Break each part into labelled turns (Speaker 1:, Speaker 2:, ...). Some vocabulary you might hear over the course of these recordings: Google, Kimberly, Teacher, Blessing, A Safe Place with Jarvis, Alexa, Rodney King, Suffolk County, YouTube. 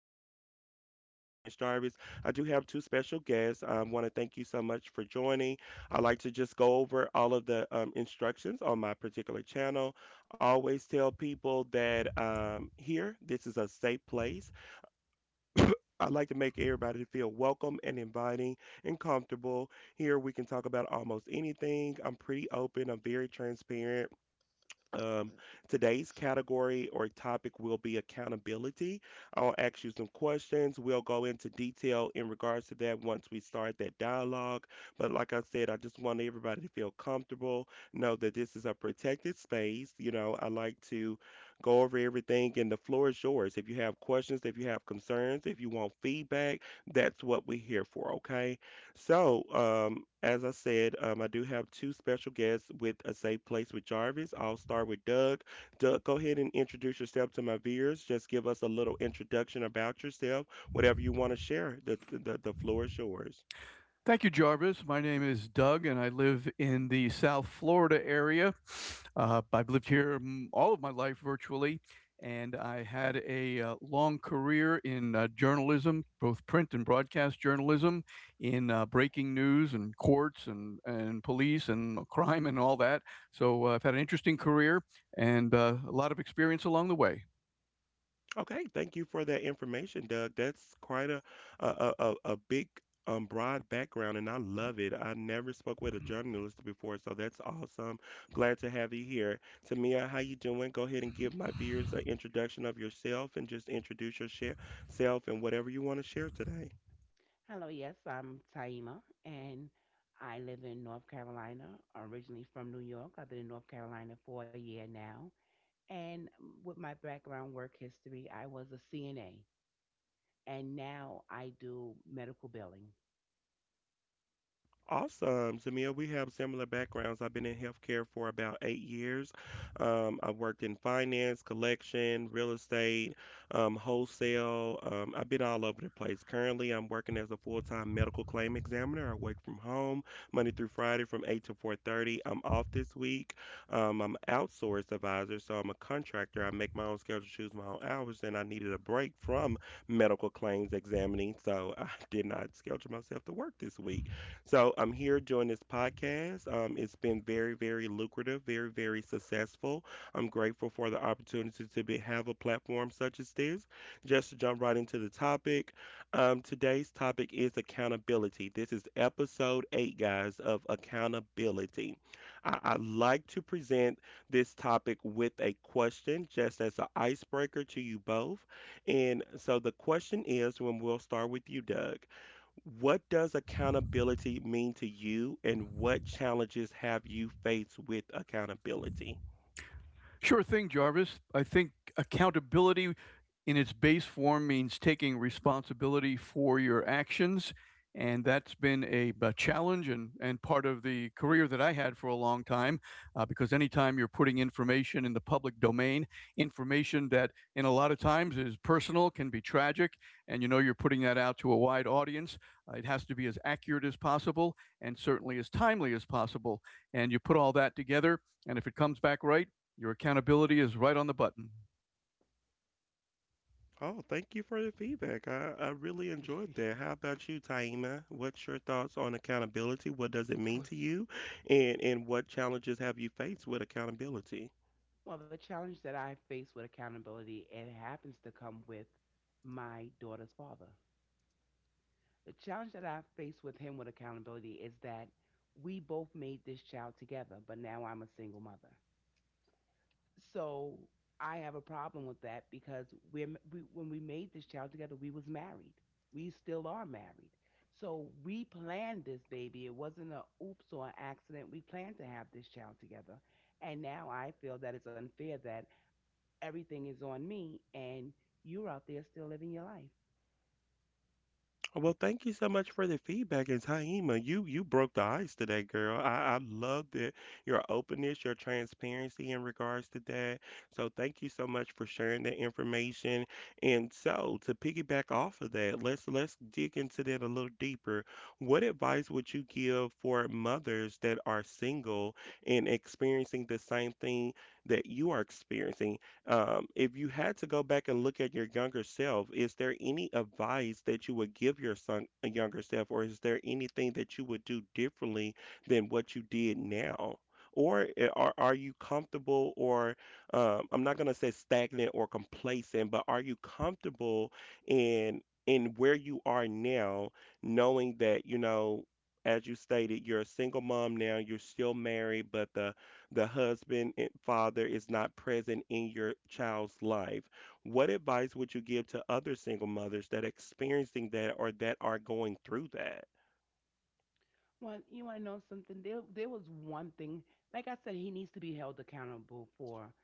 Speaker 1: Jarvis. Of course, my name is Jarvis. I do have two special guests. I want to thank you so much for joining. I like to just go over all of the instructions on my particular channel. I always tell people that here, this is a safe place. I like to make everybody feel welcome and inviting and comfortable. Here, we can talk about almost anything. I'm pretty open, I'm very transparent um, Today's category or topic will be accountability. I'll ask you some questions. We'll go into detail in regards to that once we start that dialogue. But like I said, I just want everybody to feel comfortable, know that this is a protected space. You know, I like to go over everything, and the floor is yours. If you have questions, if you have concerns, if you want feedback, that's what we're here for, okay? So, as I said, I do have two special guests with A Safe Place with Jarvis. I'll start with Doug. Doug, go ahead and introduce yourself to my viewers. Just give us a little introduction about yourself, whatever you want to share. The floor is yours.
Speaker 2: Thank you, Jarvis. My name is Doug, and I live in the South Florida area. I've lived here all of my life virtually, and I had a long career in journalism, both print and broadcast journalism, in breaking news and courts and police and crime and all that. So I've had an interesting career and a lot of experience along the way.
Speaker 1: Okay, thank you for that information, Doug. That's quite a a big broad background, and I love it. I never spoke with a journalist before, so that's awesome. Glad to have you here. Tamia, how you doing? Go ahead and give my viewers an introduction of yourself and just introduce yourself and whatever you want to share today.
Speaker 3: Hello, yes, I'm Taima, and I live in North Carolina, originally from New York. I've been in North Carolina for a year now. And with my background work history, I was a CNA, and now I do medical billing.
Speaker 1: Awesome, Samia. We have similar backgrounds. I've been in healthcare for about 8 years. I've worked in finance, collection, real estate, wholesale. I've been all over the place. Currently, I'm working as a full-time medical claim examiner. I work from home Monday through Friday from 8 to 4:30. I'm off this week. I'm an outsourced advisor, so I'm a contractor. I make my own schedule, choose my own hours, and I needed a break from medical claims examining, so I did not schedule myself to work this week. So I'm here doing this podcast. It's been very, very lucrative, very, very successful. I'm grateful for the opportunity to be, have a platform such as this. Just to jump right into the topic, today's topic is accountability. This is episode eight, guys, of accountability. I like to present this topic with a question, just as an icebreaker to you both. And so the question is, when we'll start with you, Doug. What does accountability mean to you, and what challenges have you faced with accountability?
Speaker 2: Sure thing, Jarvis. I think accountability in its base form means taking responsibility for your actions. And that's been a challenge, and part of the career that I had for a long time. Because anytime you're putting information in the public domain, information that in a lot of times is personal, can be tragic, and you know you're putting that out to a wide audience, it has to be as accurate as possible and certainly as timely as possible. And you put all that together, and if it comes back right, your accountability is right on the button.
Speaker 1: Oh, thank you for the feedback. I really enjoyed that. How about you, Taima? What's your thoughts on accountability? What does it mean to
Speaker 3: Well,
Speaker 1: you? And what challenges have you faced with accountability?
Speaker 3: well, the challenge that I face with accountability, it happens to come with my daughter's father. The challenge that I face with him with accountability is that we both made this child together, but now I'm a single mother. So I have a problem with that because we when we made this child together, we was married. We still are married. So we planned this baby. It wasn't a oops or an accident. We planned to have this child together. And now I feel that it's unfair that everything is on me and you're out there still living your life.
Speaker 1: Oh, well, thank you so much for the feedback. And Taima, you broke the ice today, girl. I love that your openness, your transparency in regards to that. So thank you so much for sharing that information. And so to piggyback off of that, let's dig into that a little deeper. What advice would you give for mothers that are single and experiencing the same thing that you are experiencing? If you had to go back and look at your younger self, is there any advice that you would give your son, a younger self, or is there anything that you would do differently than what you did now? Or are you comfortable, or I'm not going to say stagnant or complacent, but are you comfortable in where you are now, knowing that, you know, as you stated, you're a single mom now, you're still married, but the husband and father is not present in your child's life. What advice would you give to other single mothers that are experiencing that or that are going through that?
Speaker 3: Well, you want to know something? There was one thing. Like I said, he needs to be held accountable for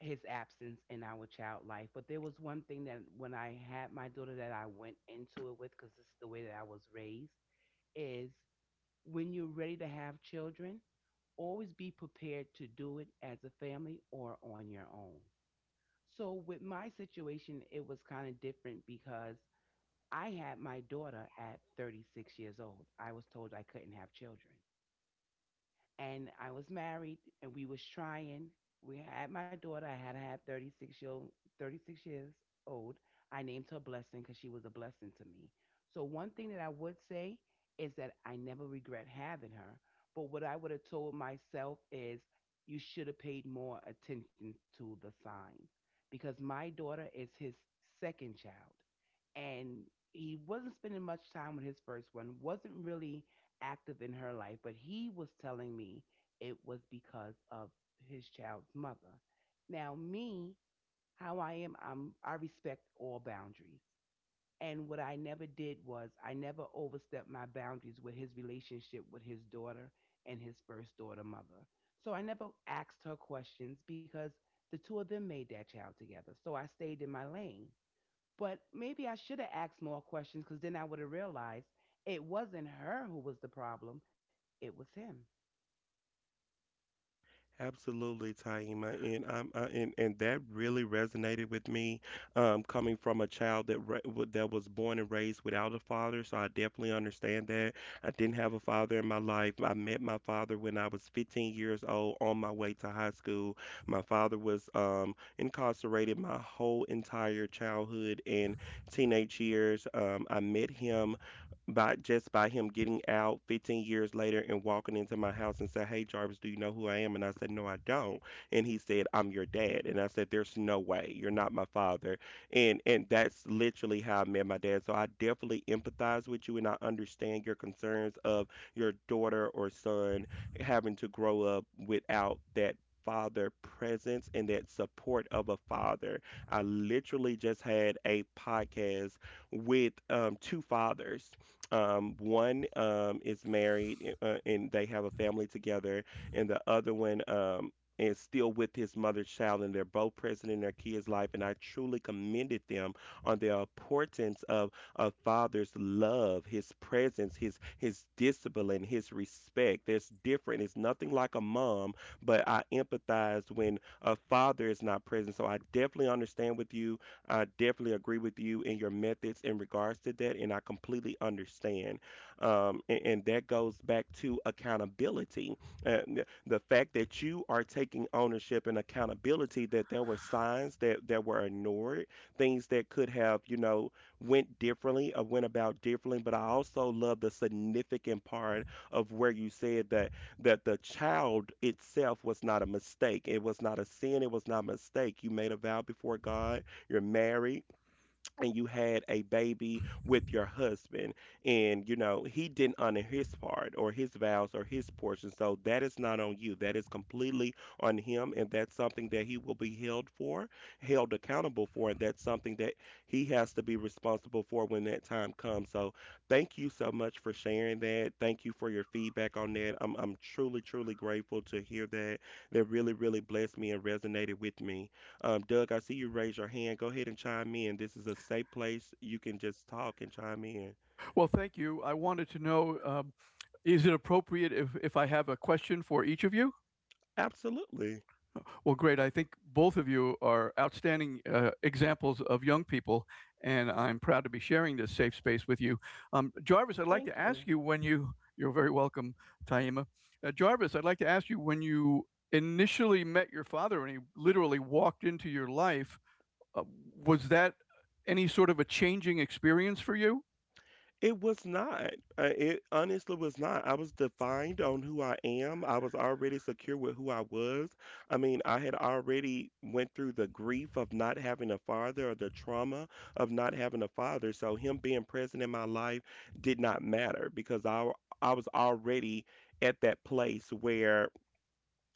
Speaker 3: his absence in our child life. But there was one thing that when I had my daughter, that I went into it with, because this is the way that I was raised, is when you're ready to have children, always be prepared to do it as a family or on your own. So with my situation, it was kind of different because I had my daughter at 36 years old. I was told I couldn't have children and I was married and we was trying. We had my daughter. I had to have 36 year old, 36 years old. I named her Blessing because she was a blessing to me. So one thing that I would say is that I never regret having her. But what I would have told myself is you should have paid more attention to the signs because my daughter is his second child and he wasn't spending much time with his first one. Wasn't really active in her life, but he was telling me it was because of his child's mother. Now, me, how I am, I respect all boundaries. And what I never did was I never overstepped my boundaries with his relationship with his daughter and his first daughter mother. So I never asked her questions because the two of them made that child together. So I stayed in my lane. But maybe I should have asked more questions because then I would have realized it wasn't her who was the problem, it was him.
Speaker 1: Absolutely, Taima, and that really resonated with me, coming from a child that was born and raised without a father. So I definitely understand that. I didn't have a father in my life. I met my father when I was 15 years old on my way to high school. My father was incarcerated my whole entire childhood and teenage years. I met him by him getting out 15 years later and walking into my house and said, "Hey Jarvis, do you know who I am?" And I said, "No, I don't." And he said, "I'm your dad." And I said, "There's no way. You're not my father." And that's literally how I met my dad. So I definitely empathize with you, and I understand your concerns of your daughter or son having to grow up without that father presence and that support of a father. I literally just had a podcast with two fathers, one is married and they have a family together, and the other one is still with his mother's child, and they're both present in their kids' life. And I truly commended them on the importance of a father's love, his presence, his discipline, his respect. There's different. It's nothing like a mom, but I empathize when a father is not present. So I definitely understand with you. I definitely agree with you in your methods in regards to that, and I completely understand. And that goes back to accountability. The fact that you are taking ownership and accountability that there were signs that were ignored, things that could have, you know, went differently or went about differently. But I also love the significant part of where you said that the child itself was not a mistake. It was not a sin. It was not a mistake. You made a vow before God. You're married and you had a baby with your husband, and you know he didn't honor his part or his vows or his portion, so that is not on you. That is completely on him, and that's something that he will be held accountable for, and that's something that he has to be responsible for when that time comes. So thank you so much for sharing that. Thank you for your feedback on that. I'm truly, truly grateful to hear that. That really, really blessed me and resonated with me. Doug, I see you raise your hand. Go ahead and chime in. This is a safe place. You can just talk and chime in.
Speaker 2: Well, thank you. I wanted to know, is it appropriate if I have a question for each of you?
Speaker 1: Absolutely.
Speaker 2: Well, great. I think both of you are outstanding examples of young people, and I'm proud to be sharing this safe space with you. Jarvis, I'd like to
Speaker 3: Thank
Speaker 2: ask
Speaker 3: you.
Speaker 2: you when you, you're very welcome, Taima. Jarvis, I'd like to ask you when you initially met your father and he literally walked into your life, uh, was that any sort of a changing experience for you?
Speaker 1: It was not. It honestly was not. I was defined on who I am. I was already secure with who I was. I mean, I had already went through the grief of not having a father or the trauma of not having a father. So him being present in my life did not matter because I was already at that place where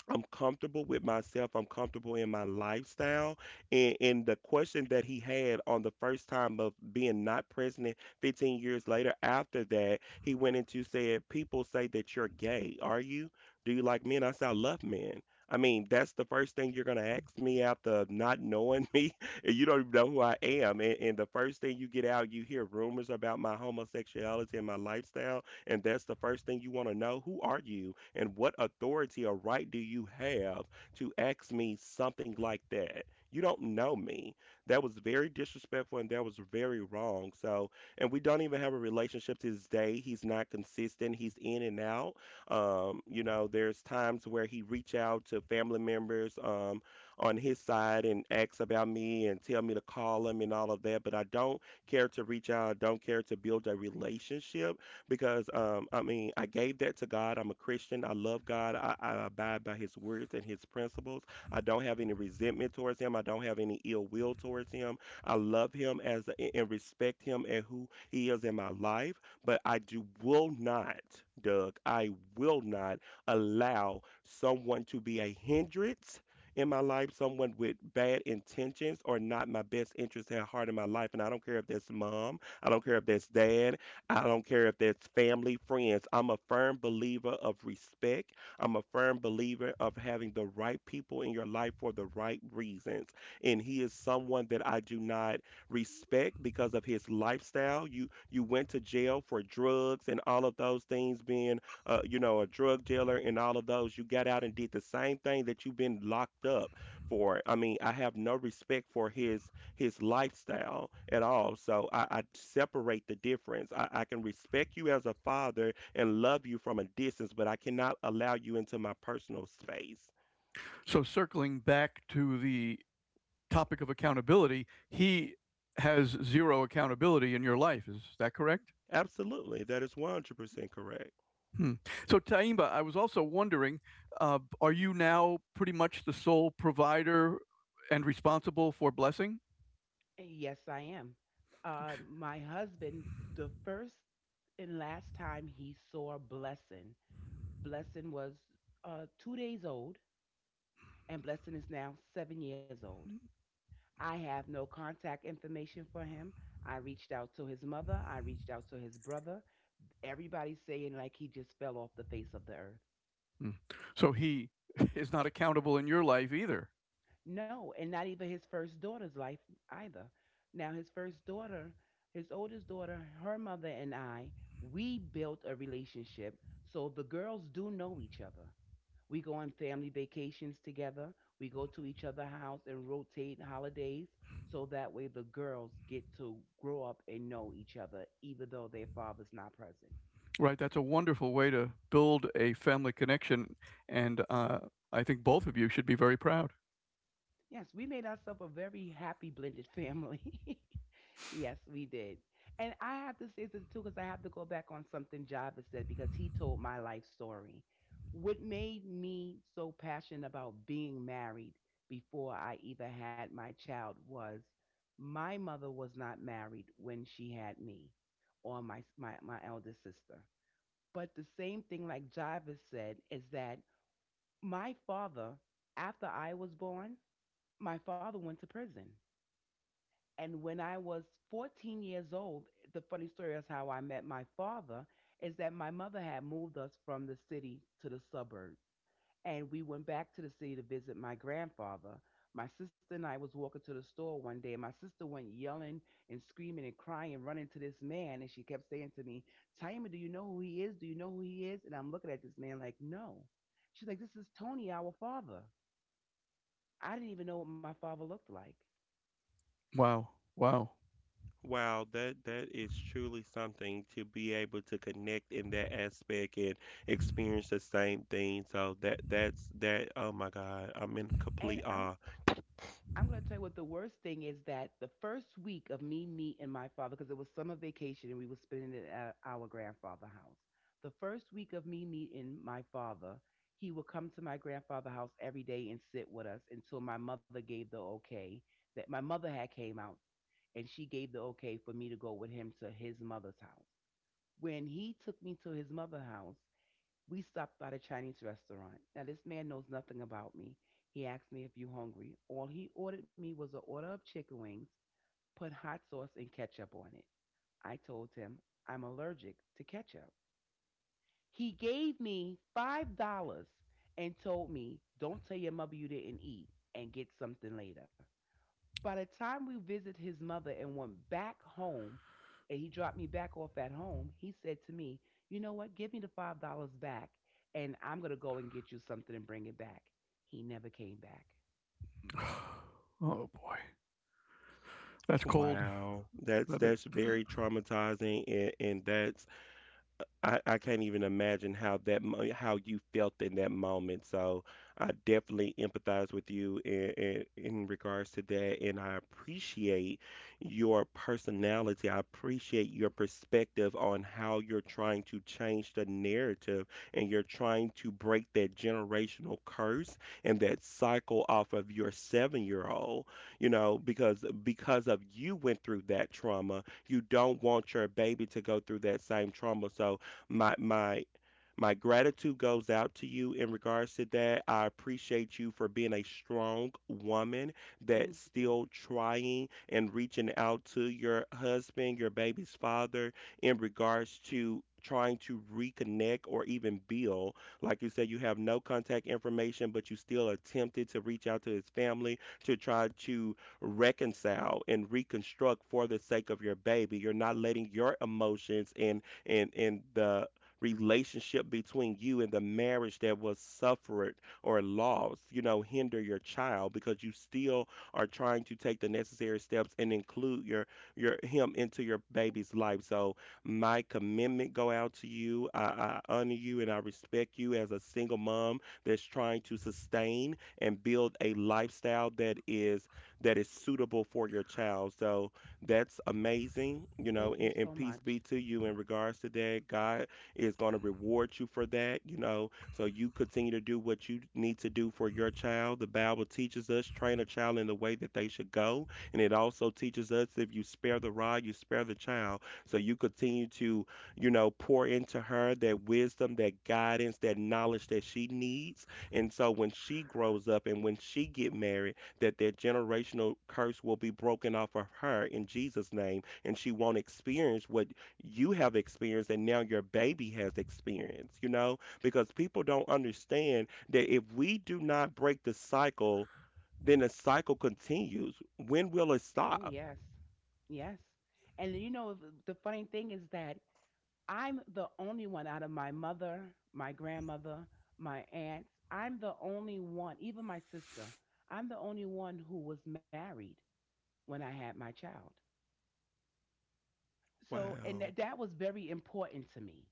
Speaker 1: I'm comfortable with myself. I'm comfortable in my lifestyle. And the question that he had on the first time of being not president 15 years later, after that, he went into said, "People say that you're gay. Are you? Do you like men?" I said, "I love men." I mean, that's the first thing you're going to ask me after not knowing me. And You don't even know who I am. And the first thing you get out, you hear rumors about my homosexuality and my lifestyle. And that's the first thing you want to know. Who are you? And what authority or right do you have to ask me something like that? You don't know me. That was very disrespectful and that was very wrong. So, and we don't even have a relationship to this day. He's not consistent. He's in and out. You know, there's times where he reach out to family members on his side and asks about me and tell me to call him and all of that. But I don't care to reach out. I don't care to build a relationship because I mean, I gave that to God. I'm a Christian. I love God. I abide by His words and His principles. I don't have any resentment towards Him. I don't have any ill will towards Him. I love Him as and respect Him and who He is in my life. But I do will not, Doug. I will not allow someone to be a hindrance in my life, someone with bad intentions or not my best interest at heart in my life. And I don't care if that's mom, I don't care if that's dad, I don't care if that's family, friends. I'm a firm believer of respect. I'm a firm believer of having the right people in your life for the right reasons. And he is someone that I do not respect because of his lifestyle. You went to jail for drugs and all of those things being a drug dealer and all of those. You got out and did the same thing that you've been locked up for. I mean, I have no respect for his lifestyle at all. So I separate the difference. I can respect you as a father and love you from a distance, but I cannot allow you into my personal space.
Speaker 2: So, circling back to the topic of accountability, he has zero accountability in your life. Is that correct?
Speaker 1: Absolutely, that is 100% correct.
Speaker 2: Hmm. So, Taimba, I was also wondering, are you now pretty much the sole provider and responsible for blessing?
Speaker 3: Yes, I am. My husband, the first and last time he saw Blessing, Blessing was 2 days old, and Blessing is now 7 years old. I have no contact information for him. I reached out to his mother. I reached out to his brother. Everybody's saying like he just fell off the face of the earth.
Speaker 2: Hmm. So, he is not accountable in your life either.
Speaker 3: No, and not even his first daughter's life either. Now, his first daughter, his oldest daughter, her mother and I, we built a relationship. So the girls do know each other. We go on family vacations together. We go to each other's house and rotate holidays. So that way the girls get to grow up and know each other, even though their father's not present.
Speaker 2: Right. That's a wonderful way to build a family connection. And I think both of you should be very proud.
Speaker 3: Yes, we made ourselves a very happy blended family. Yes, we did. And I have to say this too, because I have to go back on something Java said because he told my life story. What made me so passionate about being married before I either had my child was my mother was not married when she had me or my eldest sister. But the same thing like Java said is that my father, after I was born, my father went to prison. And when I was 14 years old, the funny story is how I met my father is that my mother had moved us from the city to the suburb. And we went back to the city to visit my grandfather. My sister and I was walking to the store one day, and my sister went yelling and screaming and crying, running to this man, and she kept saying to me, "Taima, do you know who he is? Do you know who he is?" And I'm looking at this man like, no. She's like, "This is Tony, our father." I didn't even know what my father looked like.
Speaker 2: Wow. Wow.
Speaker 1: Wow, that is truly something to be able to connect in that aspect and experience the same thing. So that that's that. Oh my God, I'm in complete
Speaker 3: And
Speaker 1: awe.
Speaker 3: I'm going to tell you what the worst thing is that the first week of me meeting my father, because it was summer vacation and we were spending it at our grandfather's house. The first week of me meeting my father, he would come to my grandfather's house every day and sit with us until my mother gave the okay that my mother had came out and she gave the okay for me to go with him to his mother's house. When he took me to his mother's house, we stopped by the Chinese restaurant. Now this man knows nothing about me. He asked me if you hungry. All he ordered me was a order of chicken wings, put hot sauce and ketchup on it. I told him I'm allergic to ketchup. He gave me $5 and told me, "Don't tell your mother you didn't eat and get something later." By the time we visited his mother and went back home, and he dropped me back off at home, he said to me, "You know what? Give me the $5 back, and I'm going to go and get you something and bring it back." He never came back.
Speaker 2: Oh, boy. That's cold.
Speaker 1: Wow, that's
Speaker 2: But it,
Speaker 1: that's very traumatizing, and that's I can't even imagine how how you felt in that moment. So I definitely empathize with you in regards to that, and I appreciate your personality. I appreciate your perspective on how you're trying to change the narrative and you're trying to break that generational curse and that cycle off of your seven-year-old. You know, because of you went through that trauma, you don't want your baby to go through that same trauma. So my my my gratitude goes out to you in regards to that. I appreciate you for being a strong woman that's
Speaker 3: Thank you.
Speaker 1: still trying and reaching out to your husband, your baby's father, in regards to trying to reconnect or even build. Like you said, you have no contact information, but you still attempted to reach out to his family to try to reconcile and reconstruct for the sake of your baby. You're not letting your emotions and the relationship between you and the marriage that was suffered or lost, you know, hinder your child because you still are trying to take the necessary steps and include your him into your baby's life. So my commitment go out to you. I honor you and I respect you as a single mom that's trying to sustain and build a lifestyle that is suitable for your child. So that's amazing, you know,
Speaker 3: Thank you
Speaker 1: and,
Speaker 3: so
Speaker 1: and peace
Speaker 3: much.
Speaker 1: be to you in regards to that. God is going to reward you for that, you know, so you continue to do what you need to do for your child. The Bible teaches us train a child in the way that they should go, and it also teaches us if you spare the rod, you spare the child. So you continue to, you know, pour into her that wisdom, that guidance, that knowledge that she needs. And so when she grows up and when she get married, that that generational curse will be broken off of her in Jesus' name, and she won't experience what you have experienced and now your baby has experienced, you know? Because people don't understand that if we do not break the cycle, then the cycle continues. When will it
Speaker 3: Oh,
Speaker 1: stop?
Speaker 3: yes. Yes. And you know, the funny thing is that I'm the only one out of my mother, my grandmother, my aunts. I'm the only one, even my sister, I'm the only one who was married when I had my child. So, and
Speaker 1: Wow.
Speaker 3: that, that was very important to me.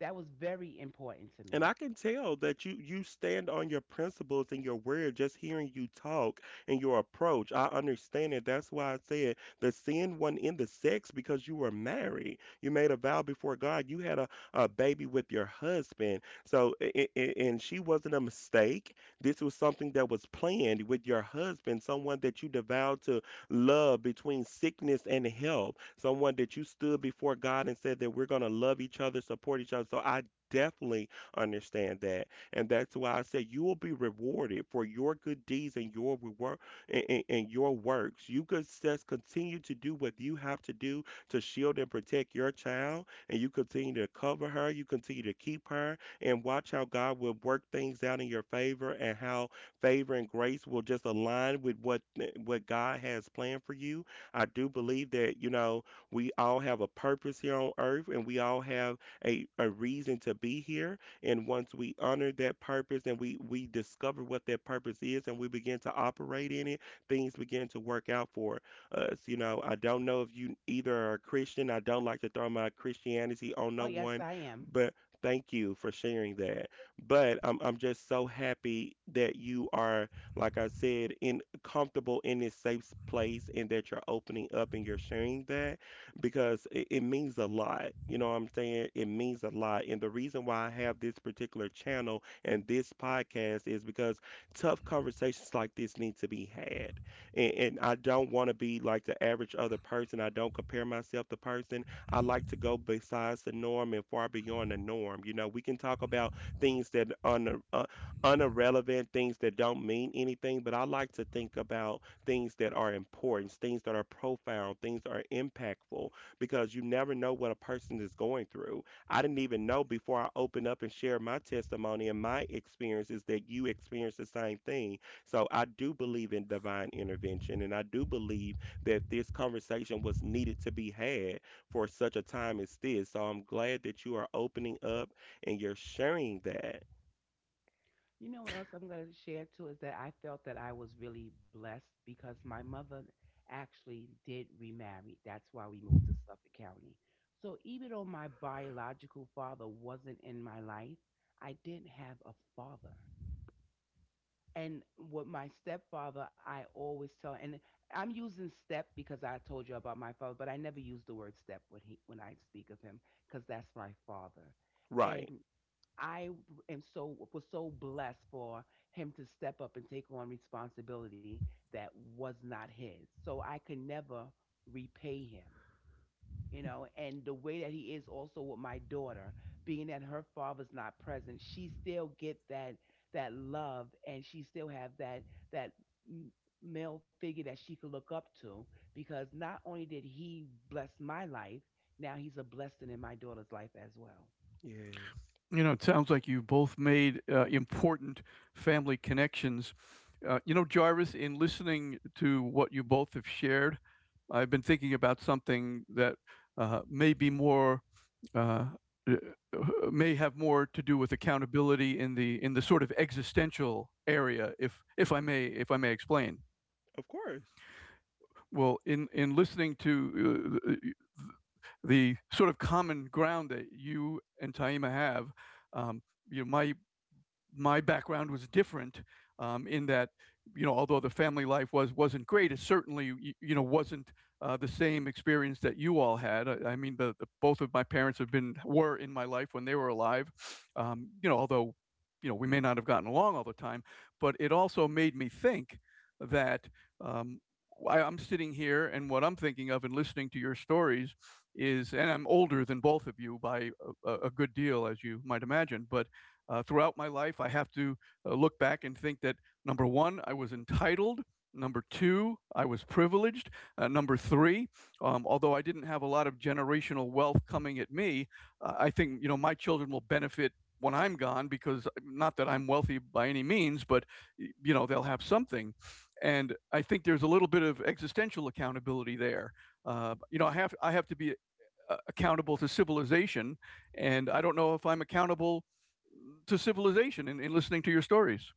Speaker 3: That was very important to
Speaker 1: And
Speaker 3: me.
Speaker 1: I can tell that you stand on your principles and your word just hearing you talk and your approach. I understand it. That's why I said the sin wasn't in the sex because you were married. You made a vow before God. You had a baby with your husband. So and she wasn't a mistake. This was something that was planned with your husband, someone that you devowed to love between sickness and health, someone that you stood before God and said that we're gonna love each other, support each other. So I definitely understand that. And that's why I said you will be rewarded for your good deeds and your reward and your works. You could just continue to do what you have to do to shield and protect your child, and you continue to cover her, you continue to keep her, and watch how God will work things out in your favor and how favor and grace will just align with what God has planned for you. I do believe that, you know, we all have a purpose here on earth and we all have a reason to be here and once we honor that purpose and we discover what that purpose is and we begin to operate in it, things begin to work out for us. You know, I don't know if you either are a Christian. I don't like to throw my Christianity on
Speaker 3: Oh,
Speaker 1: no
Speaker 3: yes,
Speaker 1: one,
Speaker 3: I am.
Speaker 1: but thank you for sharing that. But I'm just so happy that you are, like I said, in comfortable in this safe place and that you're opening up and you're sharing that because it means a lot. You know what I'm saying? It means a lot. And the reason why I have this particular channel and this podcast is because tough conversations like this need to be had. And I don't want to be like the average other person. I don't compare myself to person. I like to go besides the norm and far beyond the norm. You know, we can talk about things that are unirrelevant, things that don't mean anything, but I like to think about things that are important, things that are profound, things that are impactful because you never know what a person is going through. I didn't even know before I opened up and shared my testimony and my experiences that you experienced the same thing. So I do believe in divine intervention, and I do believe that this conversation was needed to be had for such a time as this. So I'm glad that you are opening up and you're sharing that.
Speaker 3: You know what else I'm going to share too is that I felt that I was really blessed because my mother actually did remarry. That's why we moved to Suffolk County. So, even though my biological father wasn't in my life, I did have a father. And with my stepfather, I always tell, and I'm using step because I told you about my father, but I never use the word step when he when I speak of him because that's my father, and
Speaker 1: Right.
Speaker 3: I am so was so blessed for him to step up and take on responsibility that was not his. So I could never repay him, you know, and the way that he is also with my daughter, being that her father's not present, she still get that that love and she still have that m- male figure that she could look up to because not only did he bless my life, now he's a blessing in my daughter's life as well.
Speaker 1: Yes.
Speaker 2: you know, it sounds like you both made important family connections. You know, Jarvis, in listening to what you both have shared, I've been thinking about something that may be more. Uh, uh, may have more to do with accountability in the sort of existential area, if I may, if I may explain.
Speaker 1: Of course.
Speaker 2: Well, in listening to the sort of common ground that you and Taima have, um, you know, my background was different, in that you know, although the family life was wasn't great, it certainly you know wasn't the same experience that you all had. I mean, the both of my parents have been were in my life when they were alive. You know, although you know we may not have gotten along all the time, but it also made me think that, um, I, I'm sitting here and what I'm thinking of and listening to your stories is, and I'm older than both of you by a good deal as you might imagine, but throughout my life, I have to look back and think that number one, I was entitled. Number two, I was privileged. Number three, although I didn't have a lot of generational wealth coming at me, I think you know my children will benefit when I'm gone, because not that I'm wealthy by any means, but you know they'll have something. And I think there's a little bit of existential accountability there. You know, I have, I have to be accountable to civilization, and I don't know if I'm accountable to civilization in listening to your stories.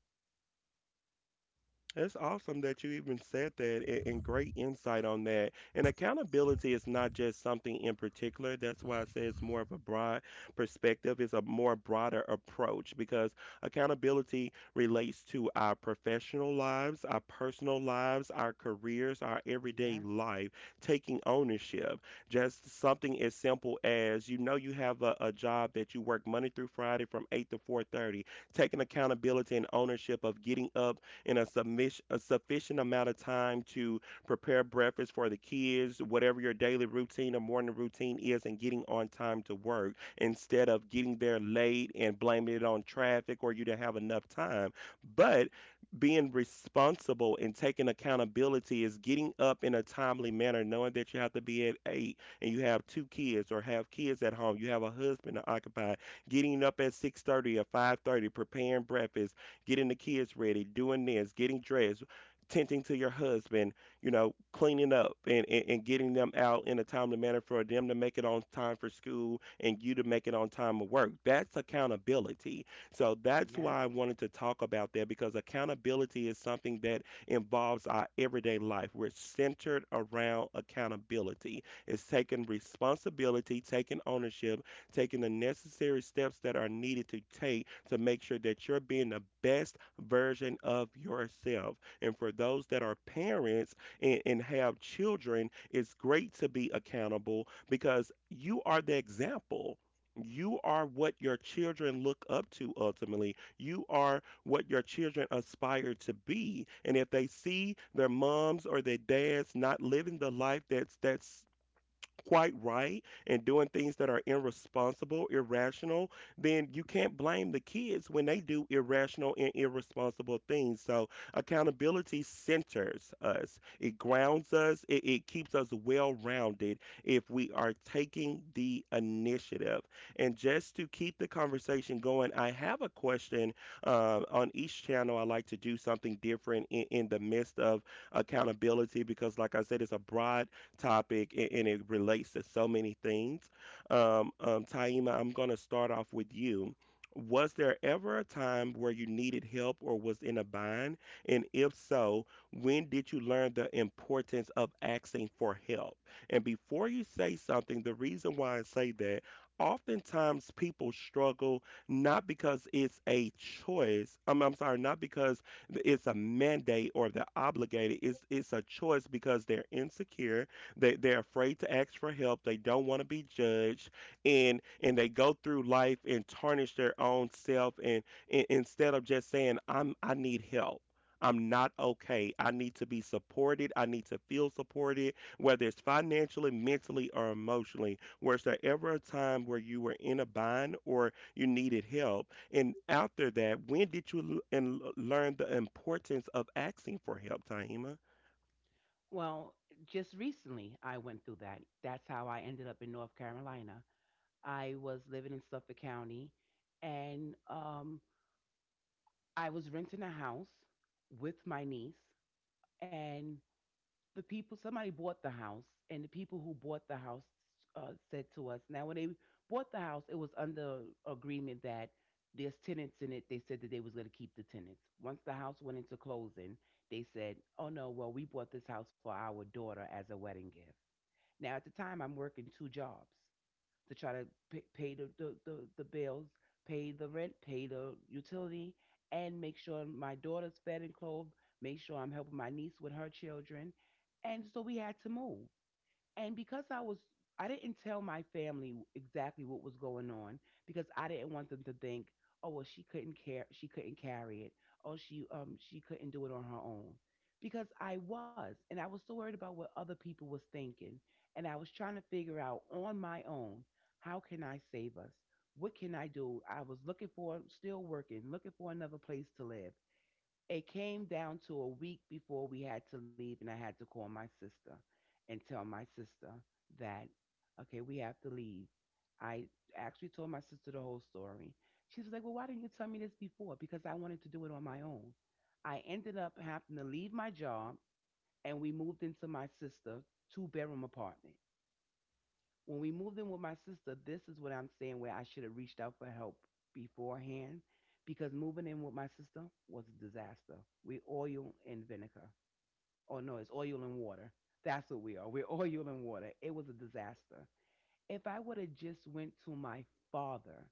Speaker 1: That's awesome that you even said that and great insight on that. And accountability is not just something in particular. That's why I say it's more of a broad perspective, it's a more broader approach because accountability relates to our professional lives, our personal lives, our careers, our everyday
Speaker 3: Yes.
Speaker 1: life, taking ownership. Just something as simple as you know you have a job that you work Monday through Friday from 8 to 4:30, taking accountability and ownership of getting up in a sufficient amount of time to prepare breakfast for the kids, whatever your daily routine or morning routine is, and getting on time to work instead of getting there late and blaming it on traffic or you didn't have enough time. But being responsible and taking accountability is getting up in a timely manner, knowing that you have to be at 8 and you have 2 kids or have kids at home, you have a husband to occupy, getting up at 6:30 or 5:30, preparing breakfast getting the kids ready, doing this, getting dressed, tending to your husband, you know, cleaning up and, and getting them out in a timely manner for them to make it on time for school and you to make it on time of work. That's accountability. So that's
Speaker 3: Yes.
Speaker 1: why I wanted to talk about that because accountability is something that involves our everyday life. We're centered around accountability. It's taking responsibility, taking ownership, taking the necessary steps that are needed to take to make sure that you're being the best version of yourself. And for those that are parents and have children, it's great to be accountable because you are the example. You are what your children look up to ultimately. You are what your children aspire to be. And if they see their moms or their dads not living the life that's quite right and doing things that are irresponsible, irrational, then you can't blame the kids when they do irrational and irresponsible things. So accountability centers us, it grounds us, it keeps us well rounded if we are taking the initiative. And just to keep the conversation going, I have a question. On each channel, I like to do something different in the midst of accountability because, like I said, it's a broad topic, and it relates to so many things. Taima, I'm going to start off with you. Was there ever a time where you needed help or was in a bind? And if so, when did you learn the importance of asking for help? And before you say something, the reason why I say that, oftentimes people struggle not because it's a choice. I'm sorry, not because it's a mandate or they're obligated. It's a choice because they're insecure they're afraid to ask for help. They don't want to be judged, and they go through life and tarnish their own self. And instead of just saying, "I'm I need help." I'm not okay. I need to be supported. I need to feel supported, whether it's financially, mentally, or emotionally. Was there ever a time where you were in a bind or you needed help? And after that, when did you learn the importance of asking for help, Taima?
Speaker 3: Well, just recently I went through that. That's how I ended up in North Carolina. I was living in Suffolk County and I was renting a house with my niece, and the people, somebody bought the house, and the people who bought the house said to us, now when they bought the house, it was under agreement that there's tenants in it. They said that they was going to keep the tenants. Once the house went into closing, they said, "Oh no, well, we bought this house for our daughter as a wedding gift." Now, at the time, I'm working two jobs to try to pay the, the bills, pay the rent, pay the utility, and make sure my daughter's fed and clothed, make sure I'm helping my niece with her children. And so we had to move. And because I was, I didn't tell my family exactly what was going on because I didn't want them to think, "Oh well, she couldn't care, she couldn't carry it, oh she couldn't do it on her own," because I was, and I was so worried about what other people was thinking, and I was trying to figure out on my own how can I save us, what can I do? I was looking for, still working, looking for another place to live, it came down to a week before we had to leave, and I had to call my sister and tell my sister that, okay, we have to leave. I actually told my sister the whole story. She was like, "Well, why didn't you tell me this before?" Because I wanted to do it on my own. I ended up having to leave my job, and we moved into my sister's two-bedroom apartment. When we moved in with my sister, this is what I'm saying, where I should have reached out for help beforehand, because moving in with my sister was a disaster. We oil and vinegar. Oh no, it's oil and water. That's what we are. We're oil and water. It was a disaster. If I would have just went to my father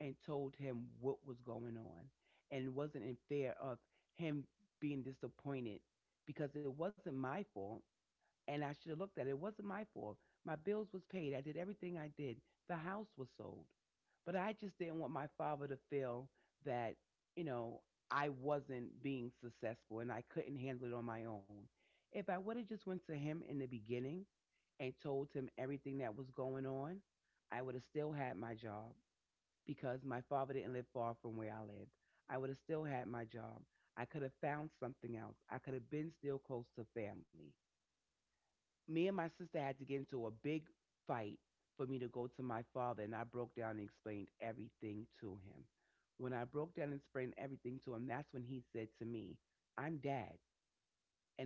Speaker 3: and told him what was going on and wasn't in fear of him being disappointed, because it wasn't my fault, and I should have looked at it. It wasn't my fault. My bills was paid. I did everything I did. The house was sold. But I just didn't want my father to feel that, you know, I wasn't being successful and I couldn't handle it on my own. If I would have just went to him in the beginning and told him everything that was going on, I would have still had my job because my father didn't live far from where I lived. I would have still had my job. I could have found something else. I could have been still close to family. Me and my sister had to get into a big fight for me to go to my father, and I broke down and explained everything to him. When I broke down and explained everything to him, that's when he said to me, I'm dad,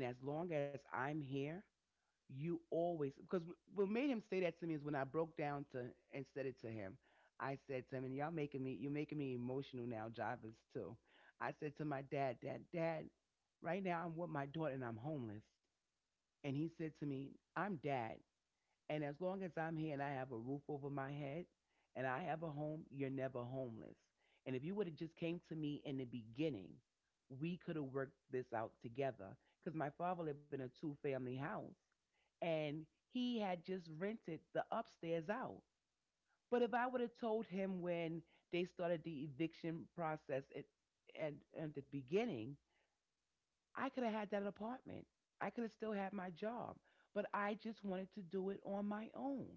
Speaker 3: and as long as I'm here, you always, because what made him say that to me is when I broke down to and said it to him. I said to him, and you're making me emotional now, Jarvis, too. I said to my dad, Dad, Dad, right now I'm with my daughter and I'm homeless. And he said to me, I'm dad and as long as I'm here and I have a roof over my head and I have a home, you're never homeless. And if you would have just came to me in the beginning, we could have worked this out together. Because my father lived in a two family house and he had just rented the upstairs out. But if I would have told him when they started the eviction process and at the beginning, I could have had that apartment. I could have still had my job. But I just wanted to do it on my own.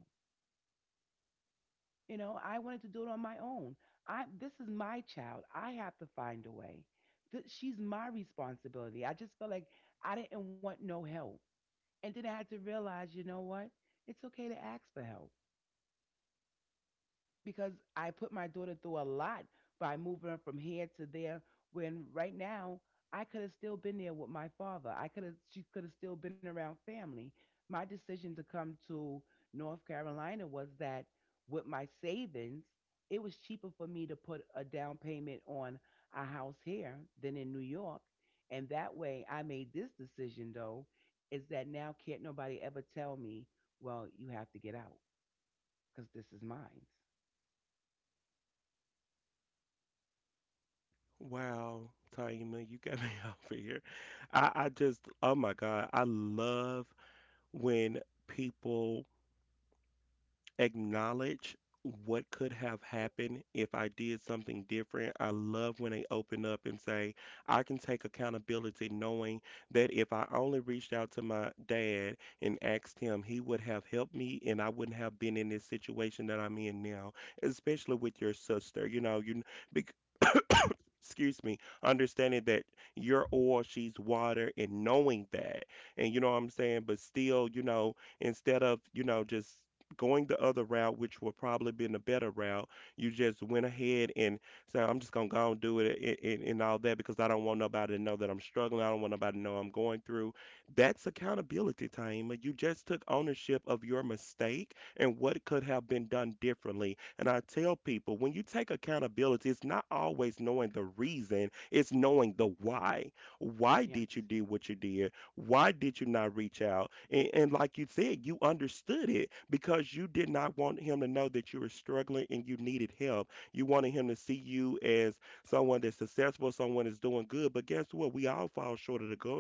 Speaker 3: I wanted to do it on my own. I This is my child. I have to find a way. She's my responsibility. I just felt like I didn't want no help. And then I had to realize, you know what? It's okay to ask for help, because I put my daughter through a lot by moving her from here to there, when right now I could have still been there with my father. I could have She could have still been around family. My decision to come to North Carolina was that, with my savings, it was cheaper for me to put a down payment on a house here than in New York. And that way I made this decision though, is that now can't nobody ever tell me, well, you have to get out because this is mine.
Speaker 1: Wow, Taima, you got me over here. I just, oh my God, I love when people acknowledge what could have happened if I did something different. I love when they open up and say, I can take accountability knowing that if I only reached out to my dad and asked him, he would have helped me and I wouldn't have been in this situation that I'm in now, especially with your sister. You know, you understanding that you're oil, she's water, and knowing that. And you know what I'm saying? But still, you know, instead of, you know, just going the other route, which would probably been a better route, you just went ahead and said, I'm just gonna go and do it and all that because I don't want nobody to know that I'm struggling. I don't want nobody to know I'm going through. That's accountability, Taima. You just took ownership of your mistake and what could have been done differently. And I tell people when you take accountability, it's not always knowing the reason, it's knowing the why. Why
Speaker 3: Yes.
Speaker 1: did you do what you did? Why did you not reach out? And like you said, you understood it because you did not want him to know that you were struggling and you needed help. You wanted him to see you as someone that's successful, someone that's doing good. But guess what? We all fall short of the goal.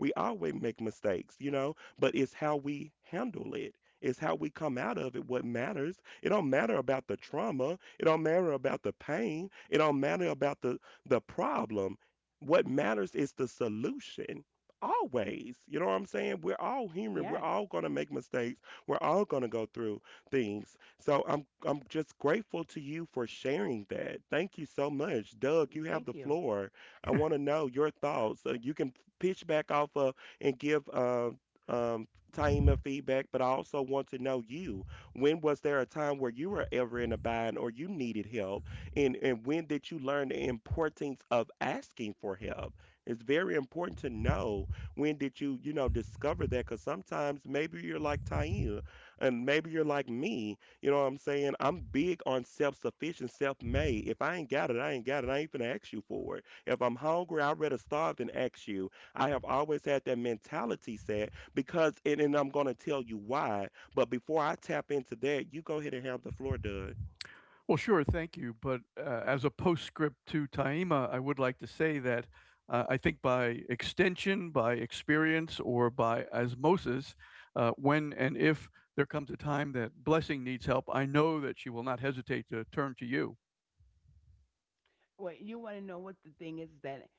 Speaker 1: We always make mistakes, you know, but it's how we handle it. It's how we come out of it what matters. It don't matter about the trauma. It don't matter about the pain. It don't matter about the problem. What matters is the solution. Always. You know what I'm saying? We're all human. We're
Speaker 3: Yes.
Speaker 1: all gonna make mistakes. We're all gonna go through things. So I'm just grateful to you for sharing that. Thank you so much. Doug, you have
Speaker 3: Thank
Speaker 1: the
Speaker 3: you.
Speaker 1: floor. I want to know your thoughts. You can pitch back off of and give um, Taima feedback, but I also want to know you. When was there a time where you were ever in a bind or you needed help? And when did you learn the importance of asking for help? It's very important to know when did you, you know, discover that because sometimes maybe you're like Taina and maybe you're like me. You know what I'm saying? I'm big on self-sufficient, self-made. If I ain't got it, I ain't got it. I ain't finna ask you for it. If I'm hungry, I'd rather starve than ask you. I have always had that mentality set because, and I'm gonna tell you why. But before I tap into that, you go ahead and have the floor, Doug.
Speaker 2: Well, sure, thank you. But as a postscript to Taima, I would like to say that I think by extension, by experience, or by osmosis, when and if there comes a time that Blessing needs help, I know that she will not hesitate to turn to you.
Speaker 3: Well, you want to know what the thing is that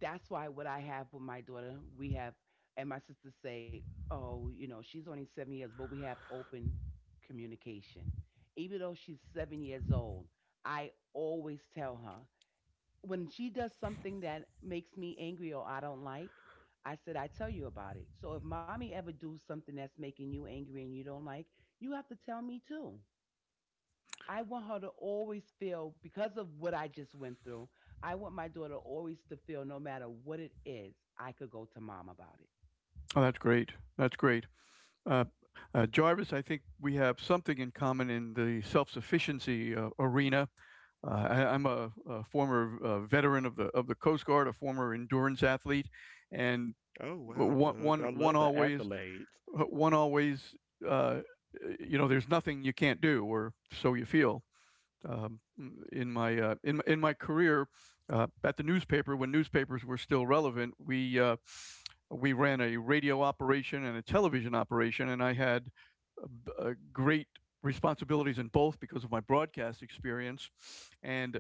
Speaker 3: that's why what I have with my daughter, we have, and my sisters say, oh, she's only 7 years, but we have open communication. Even though she's 7 years old, I always tell her, when she does something that makes me angry or I don't like, I said, I tell you about it. So if mommy ever do something that's making you angry and you don't like, you have to tell me too. I want her to always feel, because of what I just went through, I want my daughter always to feel, no matter what it is, I could go to mom about it.
Speaker 2: Oh, that's great. That's great. Uh, Jarvis, I think we have something in common in the self sufficiency arena. I, I'm a former veteran of the Coast Guard, a former endurance athlete, and
Speaker 1: Oh
Speaker 2: but
Speaker 1: wow,
Speaker 2: one
Speaker 1: Doug,
Speaker 2: one
Speaker 1: I
Speaker 2: one
Speaker 1: love the
Speaker 2: always
Speaker 1: accolades.
Speaker 2: one always, uh, you know there's nothing you can't do, or so you feel. Um, in my in my career at the newspaper when newspapers were still relevant. We ran a radio operation and a television operation, and I had uh, great responsibilities in both because of my broadcast experience and.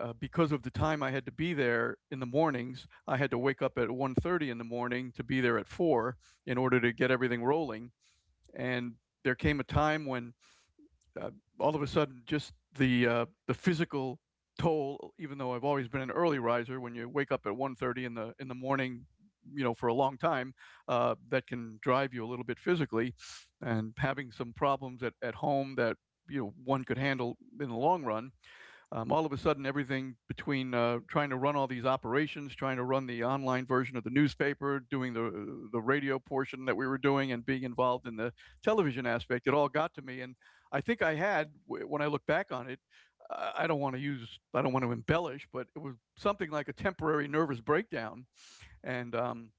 Speaker 2: Because of the time I had to be there in the mornings, I had to wake up at 1:30 in the morning to be there at 4 in order to get everything rolling. And there came a time when, uh, all of a sudden, just the physical toll. Even though I've always been an early riser, when you wake up at 1:30 in the morning, you know, for a long time, that can drive you a little bit physically, and having some problems at home that you know one could handle in the long run, all of a sudden everything between trying to run all these operations, trying to run the online version of the newspaper, doing the radio portion that we were doing, and being involved in the television aspect, it all got to me. And I think I had, when I look back on it, I don't want to use, I don't want to embellish, but it was something like a temporary nervous breakdown, and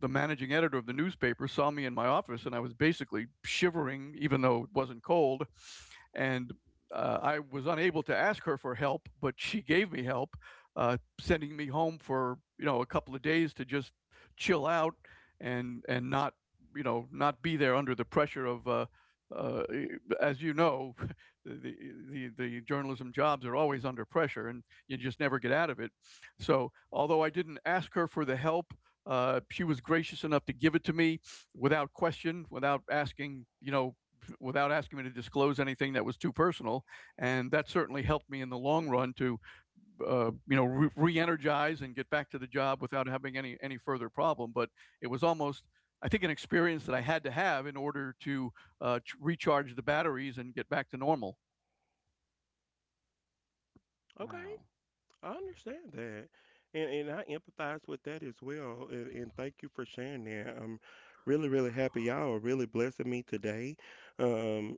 Speaker 2: the managing editor of the newspaper saw me in my office and I was basically shivering, even though it wasn't cold. And I was unable to ask her for help, but she gave me help, sending me home for you know a couple of days to just chill out and not you know not be there under the pressure of. Uh, e, as you know, the, the journalism jobs are always under pressure, and you just never get out of it. So, although I didn't ask her for the help, she was gracious enough to give it to me without question, without asking, you know, without asking me to disclose anything that was too personal. And that certainly helped me in the long run to, you know, re-energize and get back to the job without having any further problem. But it was almost. I think an experience that I had to have in order to, recharge the batteries and get back to normal.
Speaker 1: Okay,
Speaker 3: Wow.
Speaker 1: I understand that. And I empathize with that as well. And thank you for sharing that. I'm really, really happy. Y'all are really blessing me today. Um,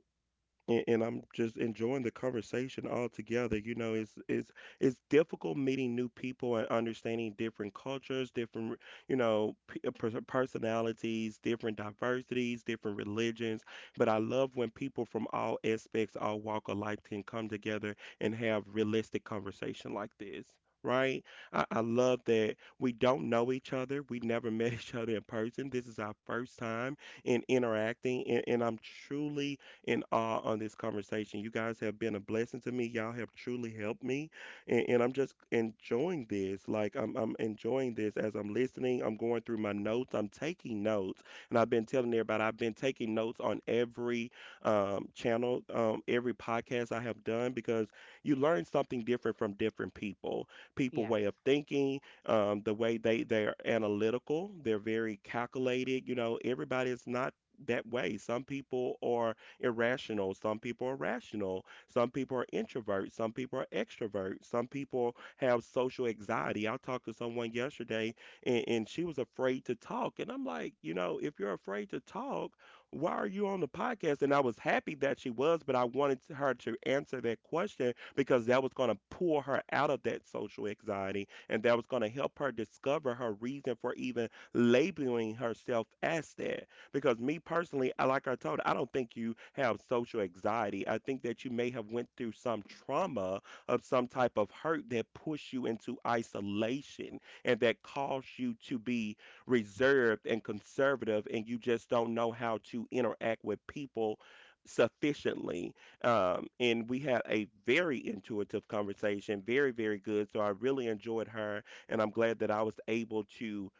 Speaker 1: and I'm just enjoying the conversation altogether. You know, it's difficult meeting new people and understanding different cultures, different you know personalities, different diversities, different religions. But I love when people from all aspects, all walk of life, can come together and have realistic conversation like this. Right? I love that we don't know each other. We never met each other in person. This is our first time in interacting, and I'm truly and awe on this conversation. You guys have been a blessing to me. Y'all have truly helped me. And I'm just enjoying this. Like, I'm enjoying this as I'm listening. I'm going through my notes. I'm taking notes. And I've been telling everybody, I've been taking notes on every channel, every podcast I have done because you learn something different from different people, people
Speaker 3: Yes.
Speaker 1: way of thinking, the way they're analytical, they're very calculated. You know, everybody is not that way. Some people are irrational. Some people are rational. Some people are introverts. Some people are extroverts. Some people have social anxiety. I talked to someone yesterday and she was afraid to talk. And I'm like, you know, if you're afraid to talk, why are you on the podcast? And I was happy that she was, but I wanted her to answer that question because that was going to pull her out of that social anxiety and that was going to help her discover her reason for even labeling herself as that. Because me personally, I like I told, I don't think you have social anxiety. I think that you may have went through some trauma of some type of hurt that pushed you into isolation and that caused you to be reserved and conservative, and you just don't know how to interact with people sufficiently, and we had a very intuitive conversation, very very good, so I really enjoyed her and I'm glad that I was able to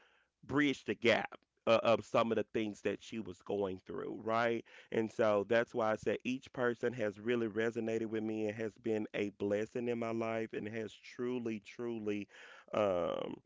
Speaker 1: bridge the gap of some of the things that she was going through, right? And so that's why I said each person has really resonated with me and has been a blessing in my life and has truly, truly um,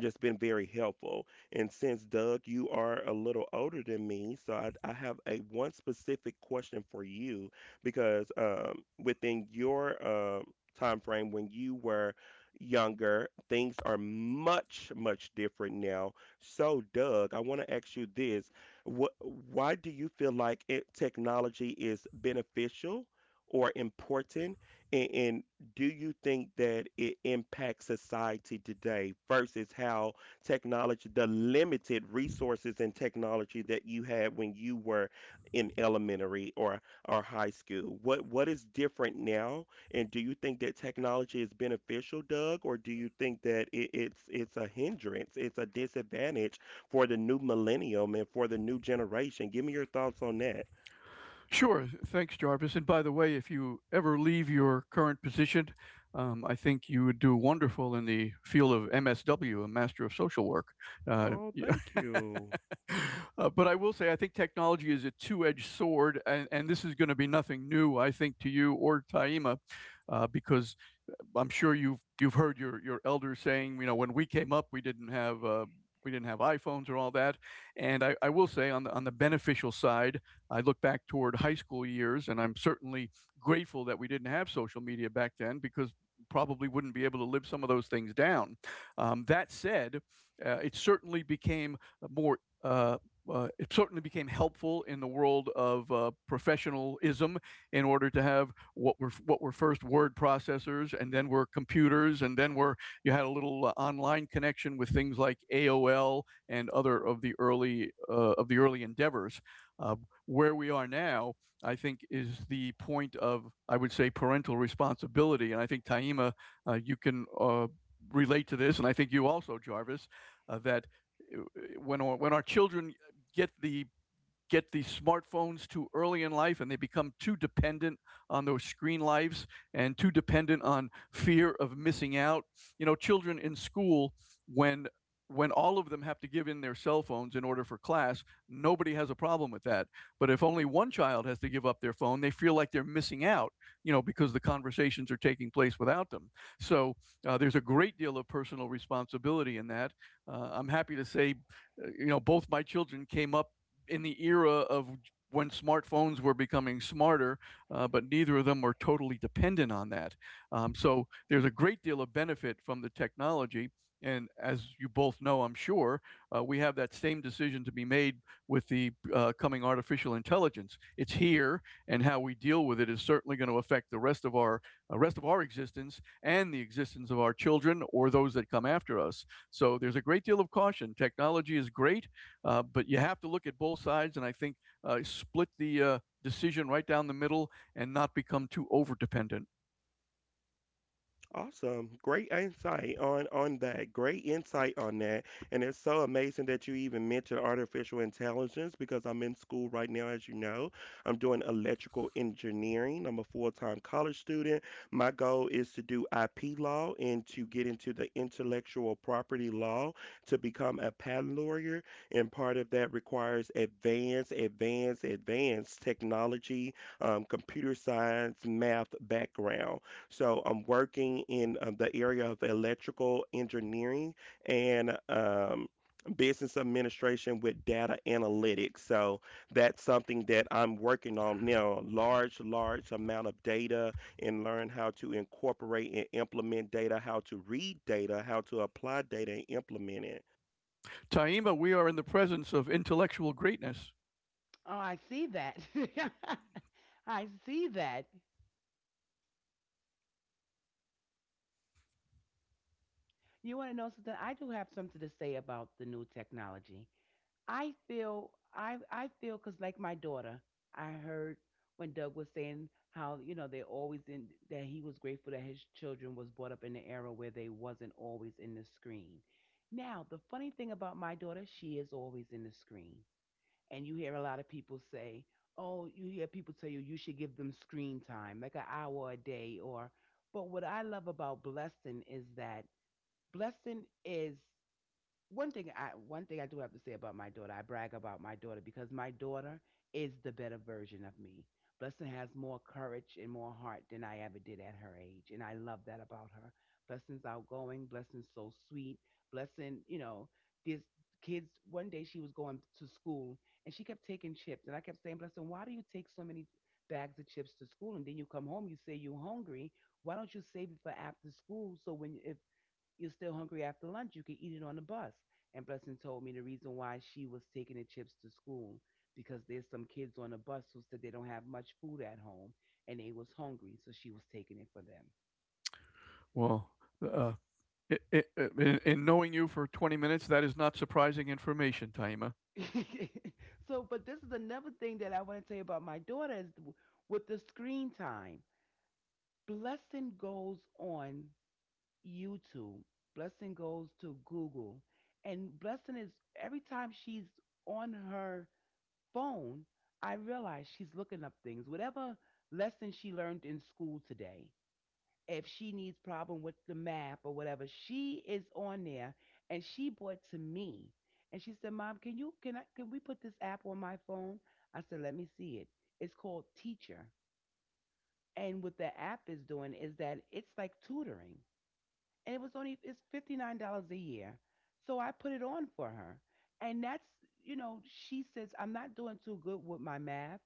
Speaker 1: just been very helpful. And since Doug, you are a little older than me, so I have a one specific question for you because within your time frame when you were younger, things are much much different now. So, Doug, I want to ask you this: why do you feel like technology is beneficial or important in do you think that it impacts society today versus how technology, the limited resources and technology that you had when you were in elementary or high school? What is different now? And do you think that technology is beneficial, Doug, or do you think that it's a hindrance, it's a disadvantage for the new millennium and for the new generation? Give me your thoughts on that.
Speaker 2: Sure. Thanks, Jarvis. And by the way, if you ever leave your current position, I think you would do wonderful in the field of MSW, a Master of Social Work.
Speaker 1: Oh,
Speaker 2: Yeah.
Speaker 1: thank you.
Speaker 2: But I will say, I think technology is a two edged sword, and this is going to be nothing new, I think, to you or Taima, because I'm sure you've heard your elders saying, you know, when we came up, we didn't have iPhones or all that. And I will say on the beneficial side, I look back toward high school years, and I'm certainly grateful that we didn't have social media back then because probably wouldn't be able to live some of those things down. That said, it certainly became more. It certainly became helpful in the world of professionalism in order to have what were first word processors and then were computers and then were you had a little online connection with things like AOL and other of the early endeavors. Uh, where we are now, I think, is the point of I would say parental responsibility, and I think Taima, you can relate to this, and I think you also, Jarvis, that uh, when our children get the get these smartphones too early in life and they become too dependent on those screen lives and too dependent on fear of missing out. You know, children in school, when when all of them have to give in their cell phones in order for class, nobody has a problem with that. But if only one child has to give up their phone, they feel like they're missing out, you know, because the conversations are taking place without them. So there's a great deal of personal responsibility in that. I'm happy to say, you know, both my children came up in the era of when smartphones were becoming smarter, but neither of them were totally dependent on that. So there's a great deal of benefit from the technology. And as you both know, I'm sure, we have that same decision to be made with the coming artificial intelligence. It's here, and how we deal with it is certainly going to affect the rest of our existence and the existence of our children or those that come after us. So there's a great deal of caution. Technology is great, but you have to look at both sides, and I think split the decision right down the middle and not become too over dependent.
Speaker 1: Awesome. Great insight on that. Great insight on that. And it's so amazing that you even mentioned artificial intelligence because I'm in school right now, as you know. I'm doing electrical engineering. I'm a full-time college student. My goal is to do IP law and to get into the intellectual property law to become a patent lawyer. And part of that requires advanced, advanced, advanced technology, computer science, math background. So I'm working in the area of electrical engineering and business administration with data analytics. So that's something that I'm working on now, large, large amount of data and learn how to incorporate and implement data, how to read data, how to apply data and implement it.
Speaker 2: Taima, we are in the presence of intellectual greatness.
Speaker 3: Oh, I see that. I see that. You want to know something? I do have something to say about the new technology. I feel, because like my daughter, I heard when Doug was saying how you know they always in that he was grateful that his children was brought up in an era where they wasn't always in the screen. Now the funny thing about my daughter, she is always in the screen, and you hear a lot of people say, "Oh, you hear people tell you you should give them screen time, like an hour a day." But what I love about Blessing is that Blessing is one thing I do have to say about my daughter. I brag about my daughter because my daughter is the better version of me. Blessing has more courage and more heart than I ever did at her age, and I love that about her. Blessing's outgoing, Blessing's so sweet, Blessing, this kids one day she was going to school and she kept taking chips, and I kept saying, Blessing, why do you take so many bags of chips to school and then you come home, you say you're hungry? Why don't you save it for after school, so when if you're still hungry after lunch, you can eat it on the bus. And Blessing told me the reason why she was taking the chips to school, because there's some kids on the bus who said they don't have much food at home and they was hungry, so she was taking it for
Speaker 2: Well, uh, I in knowing you for 20 minutes, that is not surprising information, Taima.
Speaker 3: them. So, but this is another thing that I want to tell you about my daughter is with the screen time. Blessing goes on YouTube. Blessing goes to Google. And Blessing is, every time she's on her phone, I realize she's looking up things. Whatever lesson she learned in school today, if she needs problem with the math or whatever, she is on there. And she brought to me and she said, Mom, can you can I can we put this app on my phone? I said, let me see it. It's called Teacher. And what the app is doing is that it's like tutoring, and it was only it's $59 a year. So I put it on for her, and that's you know she says I'm not doing too good with my math,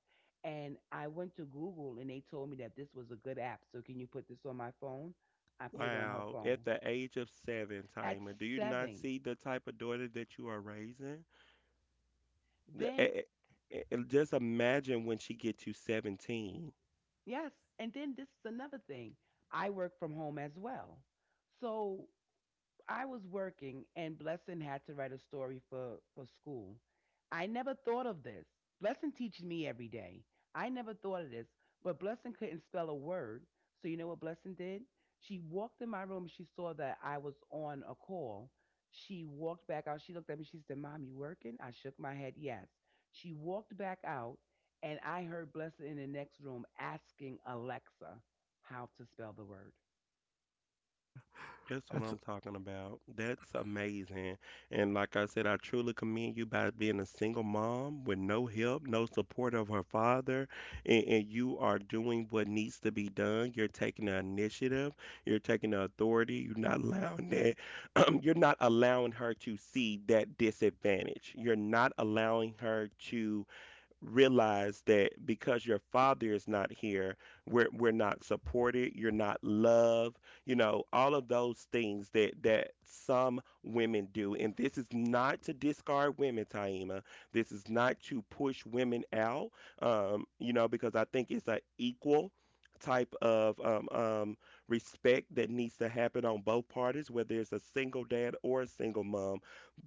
Speaker 3: and I went to Google and they told me that this was a good app. So can you put this on my phone? I put it on her
Speaker 1: Wow,
Speaker 3: phone
Speaker 1: at the age of seven,
Speaker 3: at
Speaker 1: Taima, do you not
Speaker 3: 7.
Speaker 1: see the type of daughter that you are raising? Eh,
Speaker 3: Then
Speaker 1: eh, Just imagine when she get to 17.
Speaker 3: Yes, and then this is another thing. I work from home as well, so I was working and Blessing had to write a story for school. I never thought of this. Blessing teaches me every day. I never thought of this, but Blessing couldn't spell a word. So you know what Blessing did? She walked in my room. She saw that I was on a call. She walked back out. She looked at me. She said, Mom, you working? I shook my head yes. She walked back out, and I heard Blessing in the next room asking Alexa how to spell the word.
Speaker 1: That's what
Speaker 2: That's,
Speaker 1: I'm talking about. That's amazing. And like I said, I truly commend you by being a single mom with no help, no support of her father, and you are doing what needs to be done. You're taking the initiative. You're taking the authority. You're not allowing that. You're not allowing her to see that disadvantage. You're not allowing her to realize that because your father is not here, we're not supported, you're not loved, you know, all of those things that that some women do. And this is not to discard women, Taima. This is not to push women out, you know, because I think it's an equal type of respect that needs to happen on both parties, whether it's a single dad or a single mom,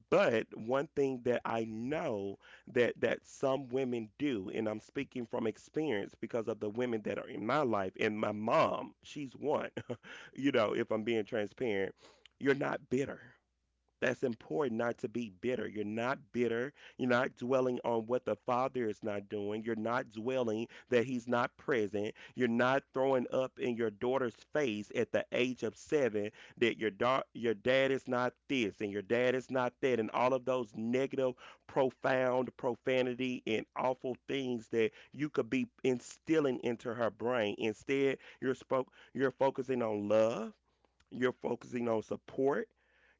Speaker 1: but one thing that I know that that some women do, and I'm speaking from experience because of the women that are in my life, and my mom, she's one. You know, if I'm being transparent, you're not bitter. That's important not to be bitter. You're not bitter. You're not dwelling on what the Father is not doing. You're not dwelling that He's not present. You're not throwing up in your daughter's face at the age of 7 that your, your dad is not this and your dad is not that and all of those negative, profound profanity and awful things that you could be instilling into her brain. Instead, you're, you're focusing on love. You're focusing on support.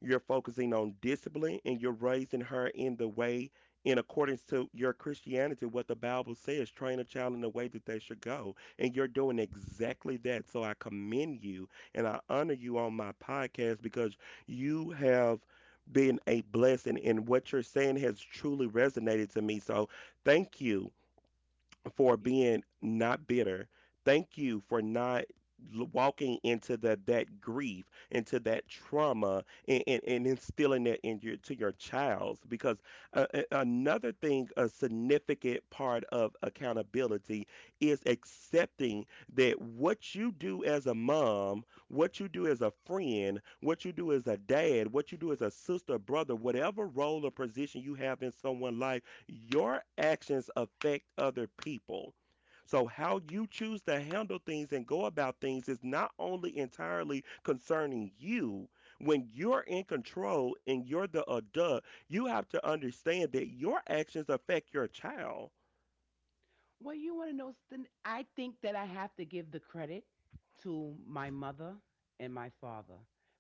Speaker 1: You're focusing on discipline and you're raising her in the way in accordance to your Christianity, what the Bible says, train a child in the way that they should go. And you're doing exactly that. So I commend you and I honor you on my podcast because you have been a blessing and what you're saying has truly resonated to me. So thank you for
Speaker 3: You
Speaker 1: being not bitter. Thank you for not walking into that grief, into that trauma, and, and instilling that in your to your child. Because another thing, a significant part of accountability is accepting that what you do as a mom, what you do as a friend, what you do as a dad, what you do as a sister, brother, whatever role or position you have in someone's life, your actions affect other people. So, how you choose to handle things and go about things is not only entirely concerning you. When you're in control and you're the adult, you have to understand that your actions affect your child.
Speaker 3: Well, you want to know something? I think that I have to give the credit to my mother and my father,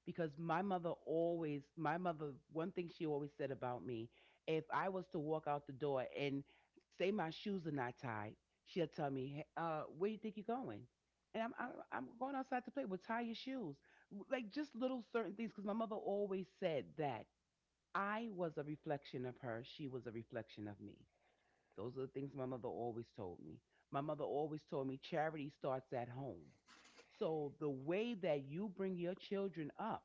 Speaker 3: because my mother always, my mother, one thing she always said about me, if I was to walk out the door and say my shoes are not tied, she'll tell me, "Hey, where you think you're going?" And I'm going outside to play. "Well, tie your shoes." Like just little certain things, because my mother always said that. I was a reflection of her. She was a reflection of me. Those are the things my mother always told me. My mother always told me charity starts at home. So the way that you bring your children up,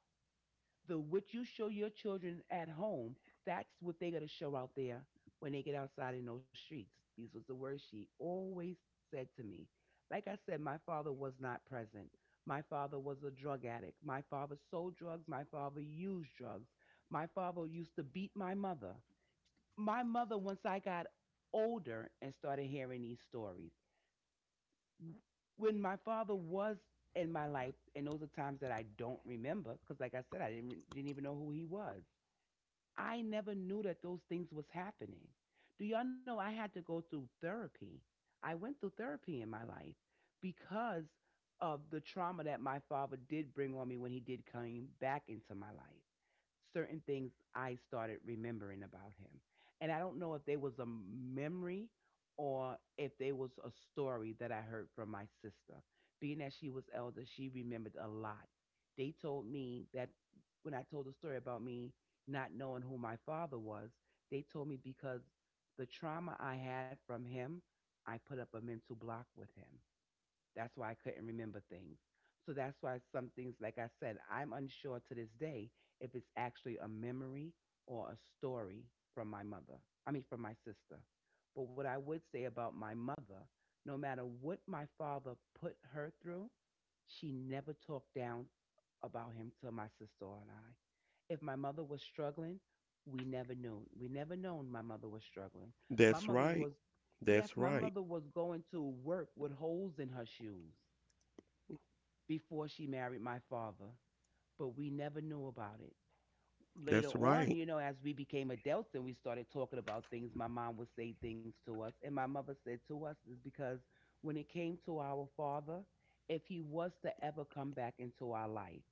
Speaker 3: the what you show your children at home, that's what they gotta show out there when they get outside in those streets. These was the words she always said to me. Like I said, my father was not present. My father was a drug addict. My father sold drugs. My father used drugs. My father used to beat my mother. My mother, once I got older and started hearing these stories, when my father was in my life, and those are times that I don't remember, because like I said, I didn't even know who he was. I never knew that those things was happening. Do y'all know I had to go through therapy? I went through therapy in my life because of the trauma that my father did bring on me. When he did come back into my life, certain things I started remembering about him. And I don't know if there was a memory or if there was a story that I heard from my sister. Being that she was elder, she remembered a lot. They told me that when I told the story about me not knowing who my father was, they told me because the trauma I had from him, I put up a mental block with him. That's why I couldn't remember things. So that's why some things, like I said, I'm unsure to this day if it's actually a memory or a story from my mother. I mean, from my sister. But what I would say about my mother, no matter what my father put her through, she never talked down about him to my sister and I. If my mother was struggling, we never knew. We never known my mother was struggling. My
Speaker 1: That's
Speaker 3: mother
Speaker 1: right.
Speaker 3: was, yes,
Speaker 1: That's
Speaker 3: my
Speaker 1: right.
Speaker 3: mother was going to work with holes in her shoes before she married my father, but we never knew about it.
Speaker 1: That's
Speaker 3: Later
Speaker 1: right.
Speaker 3: on, as we became adults and we started talking about things, my mom would say things to us. And my mother said to us is because when it came to our father, if he was to ever come back into our life,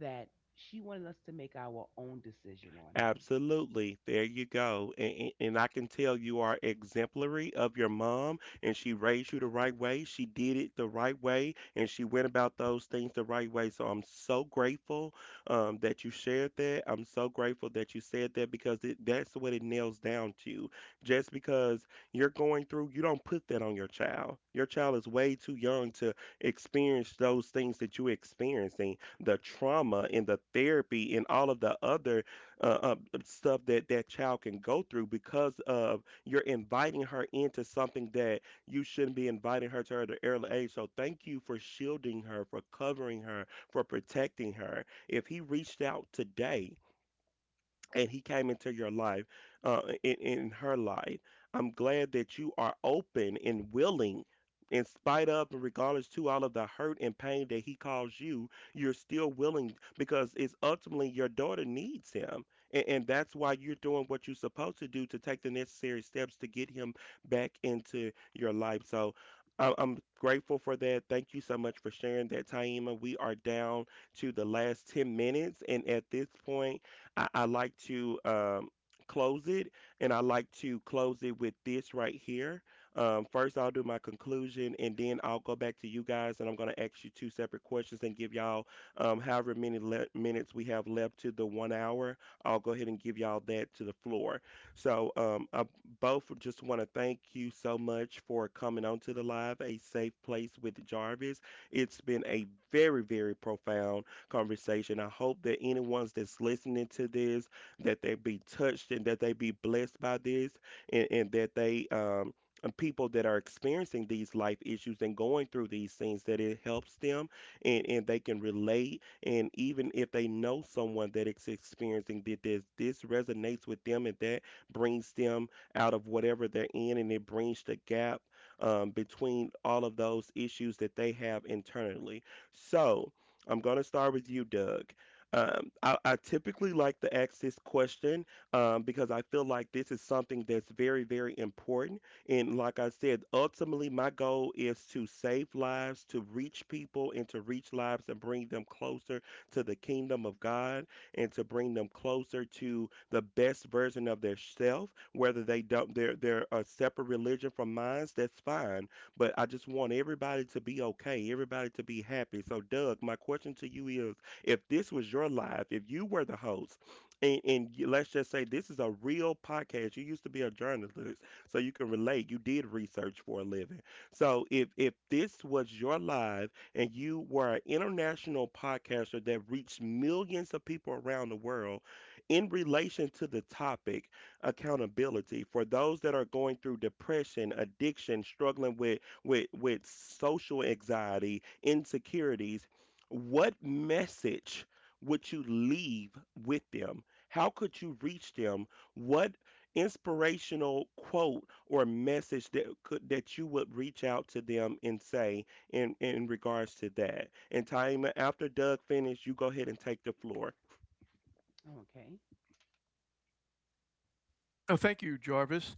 Speaker 3: that she wanted us to make our own decision on him.
Speaker 1: Absolutely. There you go. And I can tell you are exemplary of your mom, and she raised you the right way. She did it the right way, and she went about those things the right way. So I'm so grateful that you shared that. I'm so grateful that you said that because that's what it nails down to. Just because you're going through, you don't put that on your child. Your child is way too young to experience those things that you're experiencing, the trauma and the therapy and all of the other uh, uh, stuff that that child can go through because of you're inviting her into something that you shouldn't be inviting her to at an early age. So thank you for shielding her, for covering her, for protecting her. If he reached out today, and he came into your life, in her life, I'm glad that you are open and willing in spite of and regardless to all of the hurt and pain that he caused you. You're still willing because it's ultimately your daughter needs him, and that's why you're doing what you're supposed to do to take the necessary steps to get him back into your life. So I'm grateful for that. Thank you so much for sharing that, Taima. We are down to the last 10 minutes. And at this point, I like to close it, and I like to close it with this right here. First, I'll do my conclusion, and then I'll go back to you guys, and I'm going to ask you two separate questions and give y'all however many minutes we have left to the one hour. I'll go ahead and give y'all that to the floor. So, I both just want to thank you so much for coming on to the live, a safe place with Jarvis. It's been a very, very profound conversation. I hope that anyone's that's listening to this, that they be touched and that they be blessed by this, and that they and people that are experiencing these life issues and going through these things that it helps them, and they can relate, and even if they know someone that is experiencing that, this resonates with them and that brings them out of whatever they're in, and it brings the gap between all of those issues that they have internally. So I'm going to start with you, Doug. I typically like to ask this question because I feel like this is something that's very, very important. And like I said, ultimately, my goal is to save lives, to reach people, and to reach lives and bring them closer to the kingdom of God and to bring them closer to the best version of their self. Whether they don't, they're a separate religion from mine, that's fine. But I just want everybody to be okay, everybody to be happy. So, Doug, my question to you is, if this was your life, if you were the host, and, let's just say this is a real podcast, you used to be a journalist, so you can relate. You did research for a living. So, if this was your life and you were an international podcaster that reached millions of people around the world in relation to the topic, accountability for those that are going through depression, addiction, struggling with with social anxiety, insecurities, what message would you leave with them? How could you reach them? What inspirational quote or message that you would reach out to them and say in regards to that? And Taima, after Doug finished, you go ahead and take the floor.
Speaker 3: Okay.
Speaker 2: thank you, Jarvis.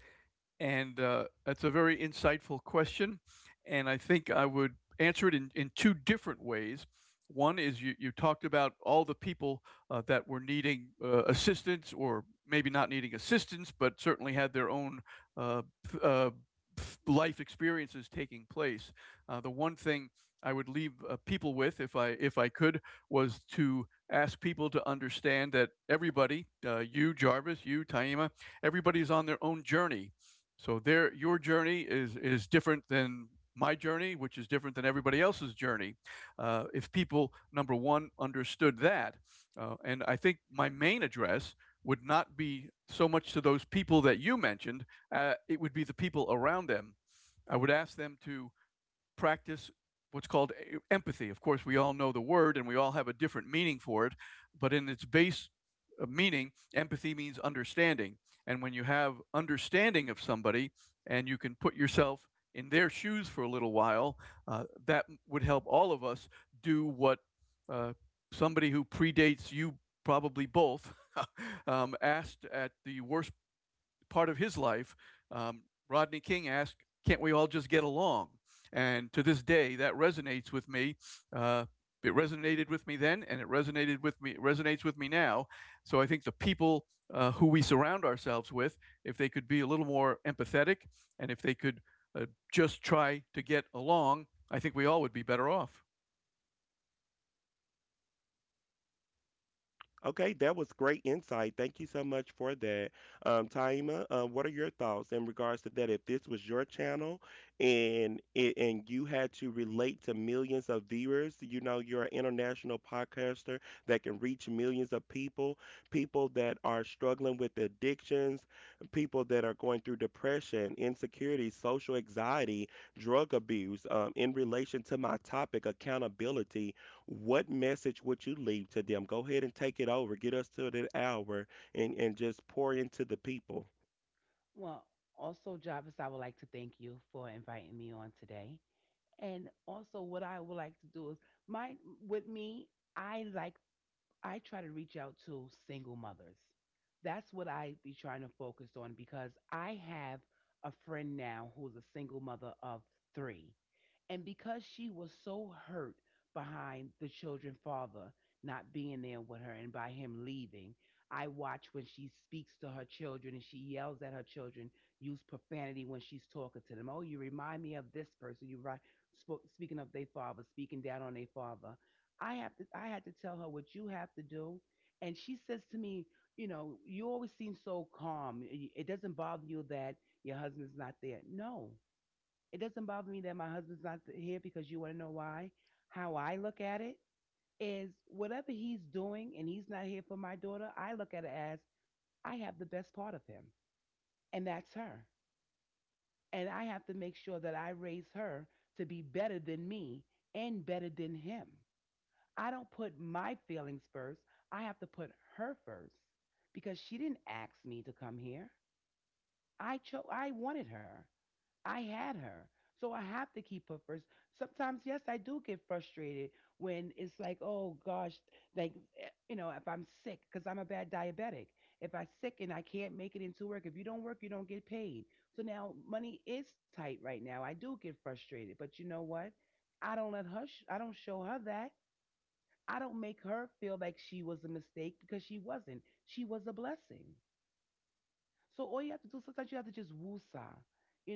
Speaker 2: And that's a very insightful question. And I think I would answer it in two different ways. One is you, you talked about all the people that were needing assistance, or maybe not needing assistance, but certainly had their own uh, uh, life experiences taking place. The one thing I would leave people with, if I could, was to ask people to understand that everybody, you Jarvis, you Taima, everybody's on their own journey. So there, your journey is different than my journey, which is different than everybody else's journey. If people, number one, understood that, and I think my main address would not be so much to those people that you mentioned. It would be the people around them. I would ask them to practice what's called empathy. Of course, we all know the word and we all have a different meaning for it, but in its base meaning, empathy means understanding. And when you have understanding of somebody and you can put yourself in their shoes for a little while, that would help all of us do what uh, somebody who predates you, probably both, asked at the worst part of his life, um, Rodney King asked, can't we all just get along? And to this day, that resonates with me. Uh, it resonated with me then, and it resonated with me. It resonates with me now. So I think the people who we surround ourselves with, if they could be a little more empathetic, and if they could uh, just try to get along, I think we all would be better off.
Speaker 1: Okay, that was great insight. Thank you so much for that. Taima, what are your thoughts in regards to that? If this was your channel and you had to relate to millions of viewers, you know, you're an international podcaster that can reach millions of people, people that are struggling with addictions, people that are going through depression, insecurity, social anxiety, drug abuse, in relation to my topic, accountability, what message would you leave to them? Go ahead and take it over. Get us to that hour and just pour into the people.
Speaker 3: Well, also, Jarvis, I would like to thank you for inviting me on today. And also, what I would like to do is, my with me, I like I try to reach out to single mothers. That's what I be trying to focus on because I have a friend now who's a single mother of three, and because she was so hurt behind the children's father not being there with her and by him leaving, I watch when she speaks to her children and she yells at her children, use profanity when she's talking to them. Oh, you remind me of this person. Speaking of their father, speaking down on their father. I had to tell her what you have to do. And she says to me, you know, you always seem so calm. It doesn't bother you that your husband's not there. No, it doesn't bother me that my husband's not here because you want to know why. How I look at it is whatever he's doing and he's not here for my daughter, I look at it as I have the best part of him, and that's her. And I have to make sure that I raise her to be better than me and better than him. I don't put my feelings first, I have to put her first because she didn't ask me to come here. I wanted her. I had her. So I have to keep her first. Sometimes, yes, I do get frustrated when it's like, oh gosh, like, if I'm sick, because I'm a bad diabetic. If I'm sick and I can't make it into work, if you don't work, you don't get paid. So now money is tight right now. I do get frustrated. But you know what? I don't show her that. I don't make her feel like she was a mistake because she wasn't. She was a blessing. So all you have to do sometimes you have to just woosah.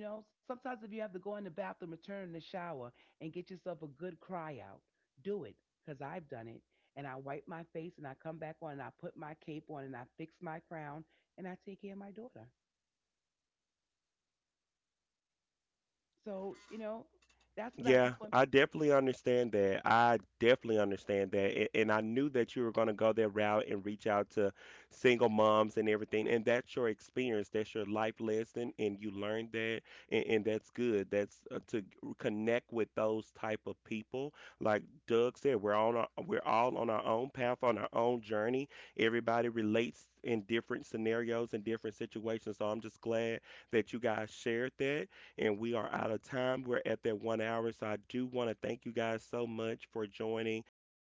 Speaker 3: You know, sometimes if you have to go in the bathroom and turn in the shower and get yourself a good cry out, do it, I've done it. And I wipe my face and I come back on and I put my cape on and I fix my crown and I take care of my daughter. So, you know, that's what I just
Speaker 1: Yeah,
Speaker 3: want
Speaker 1: I definitely understand that. I definitely understand that. And I knew that you were going to go that route and reach out to single moms and everything. And that's your experience, that's your life lesson, and you learned that. And that's good. That's to connect with those type of people. Like Doug said, we're on our, we're all on our own path, on our own journey. Everybody relates in different scenarios and different situations. So I'm just glad that you guys shared that, and we are out of time. We're at that one hour. So I do want to thank you guys so much for joining. I went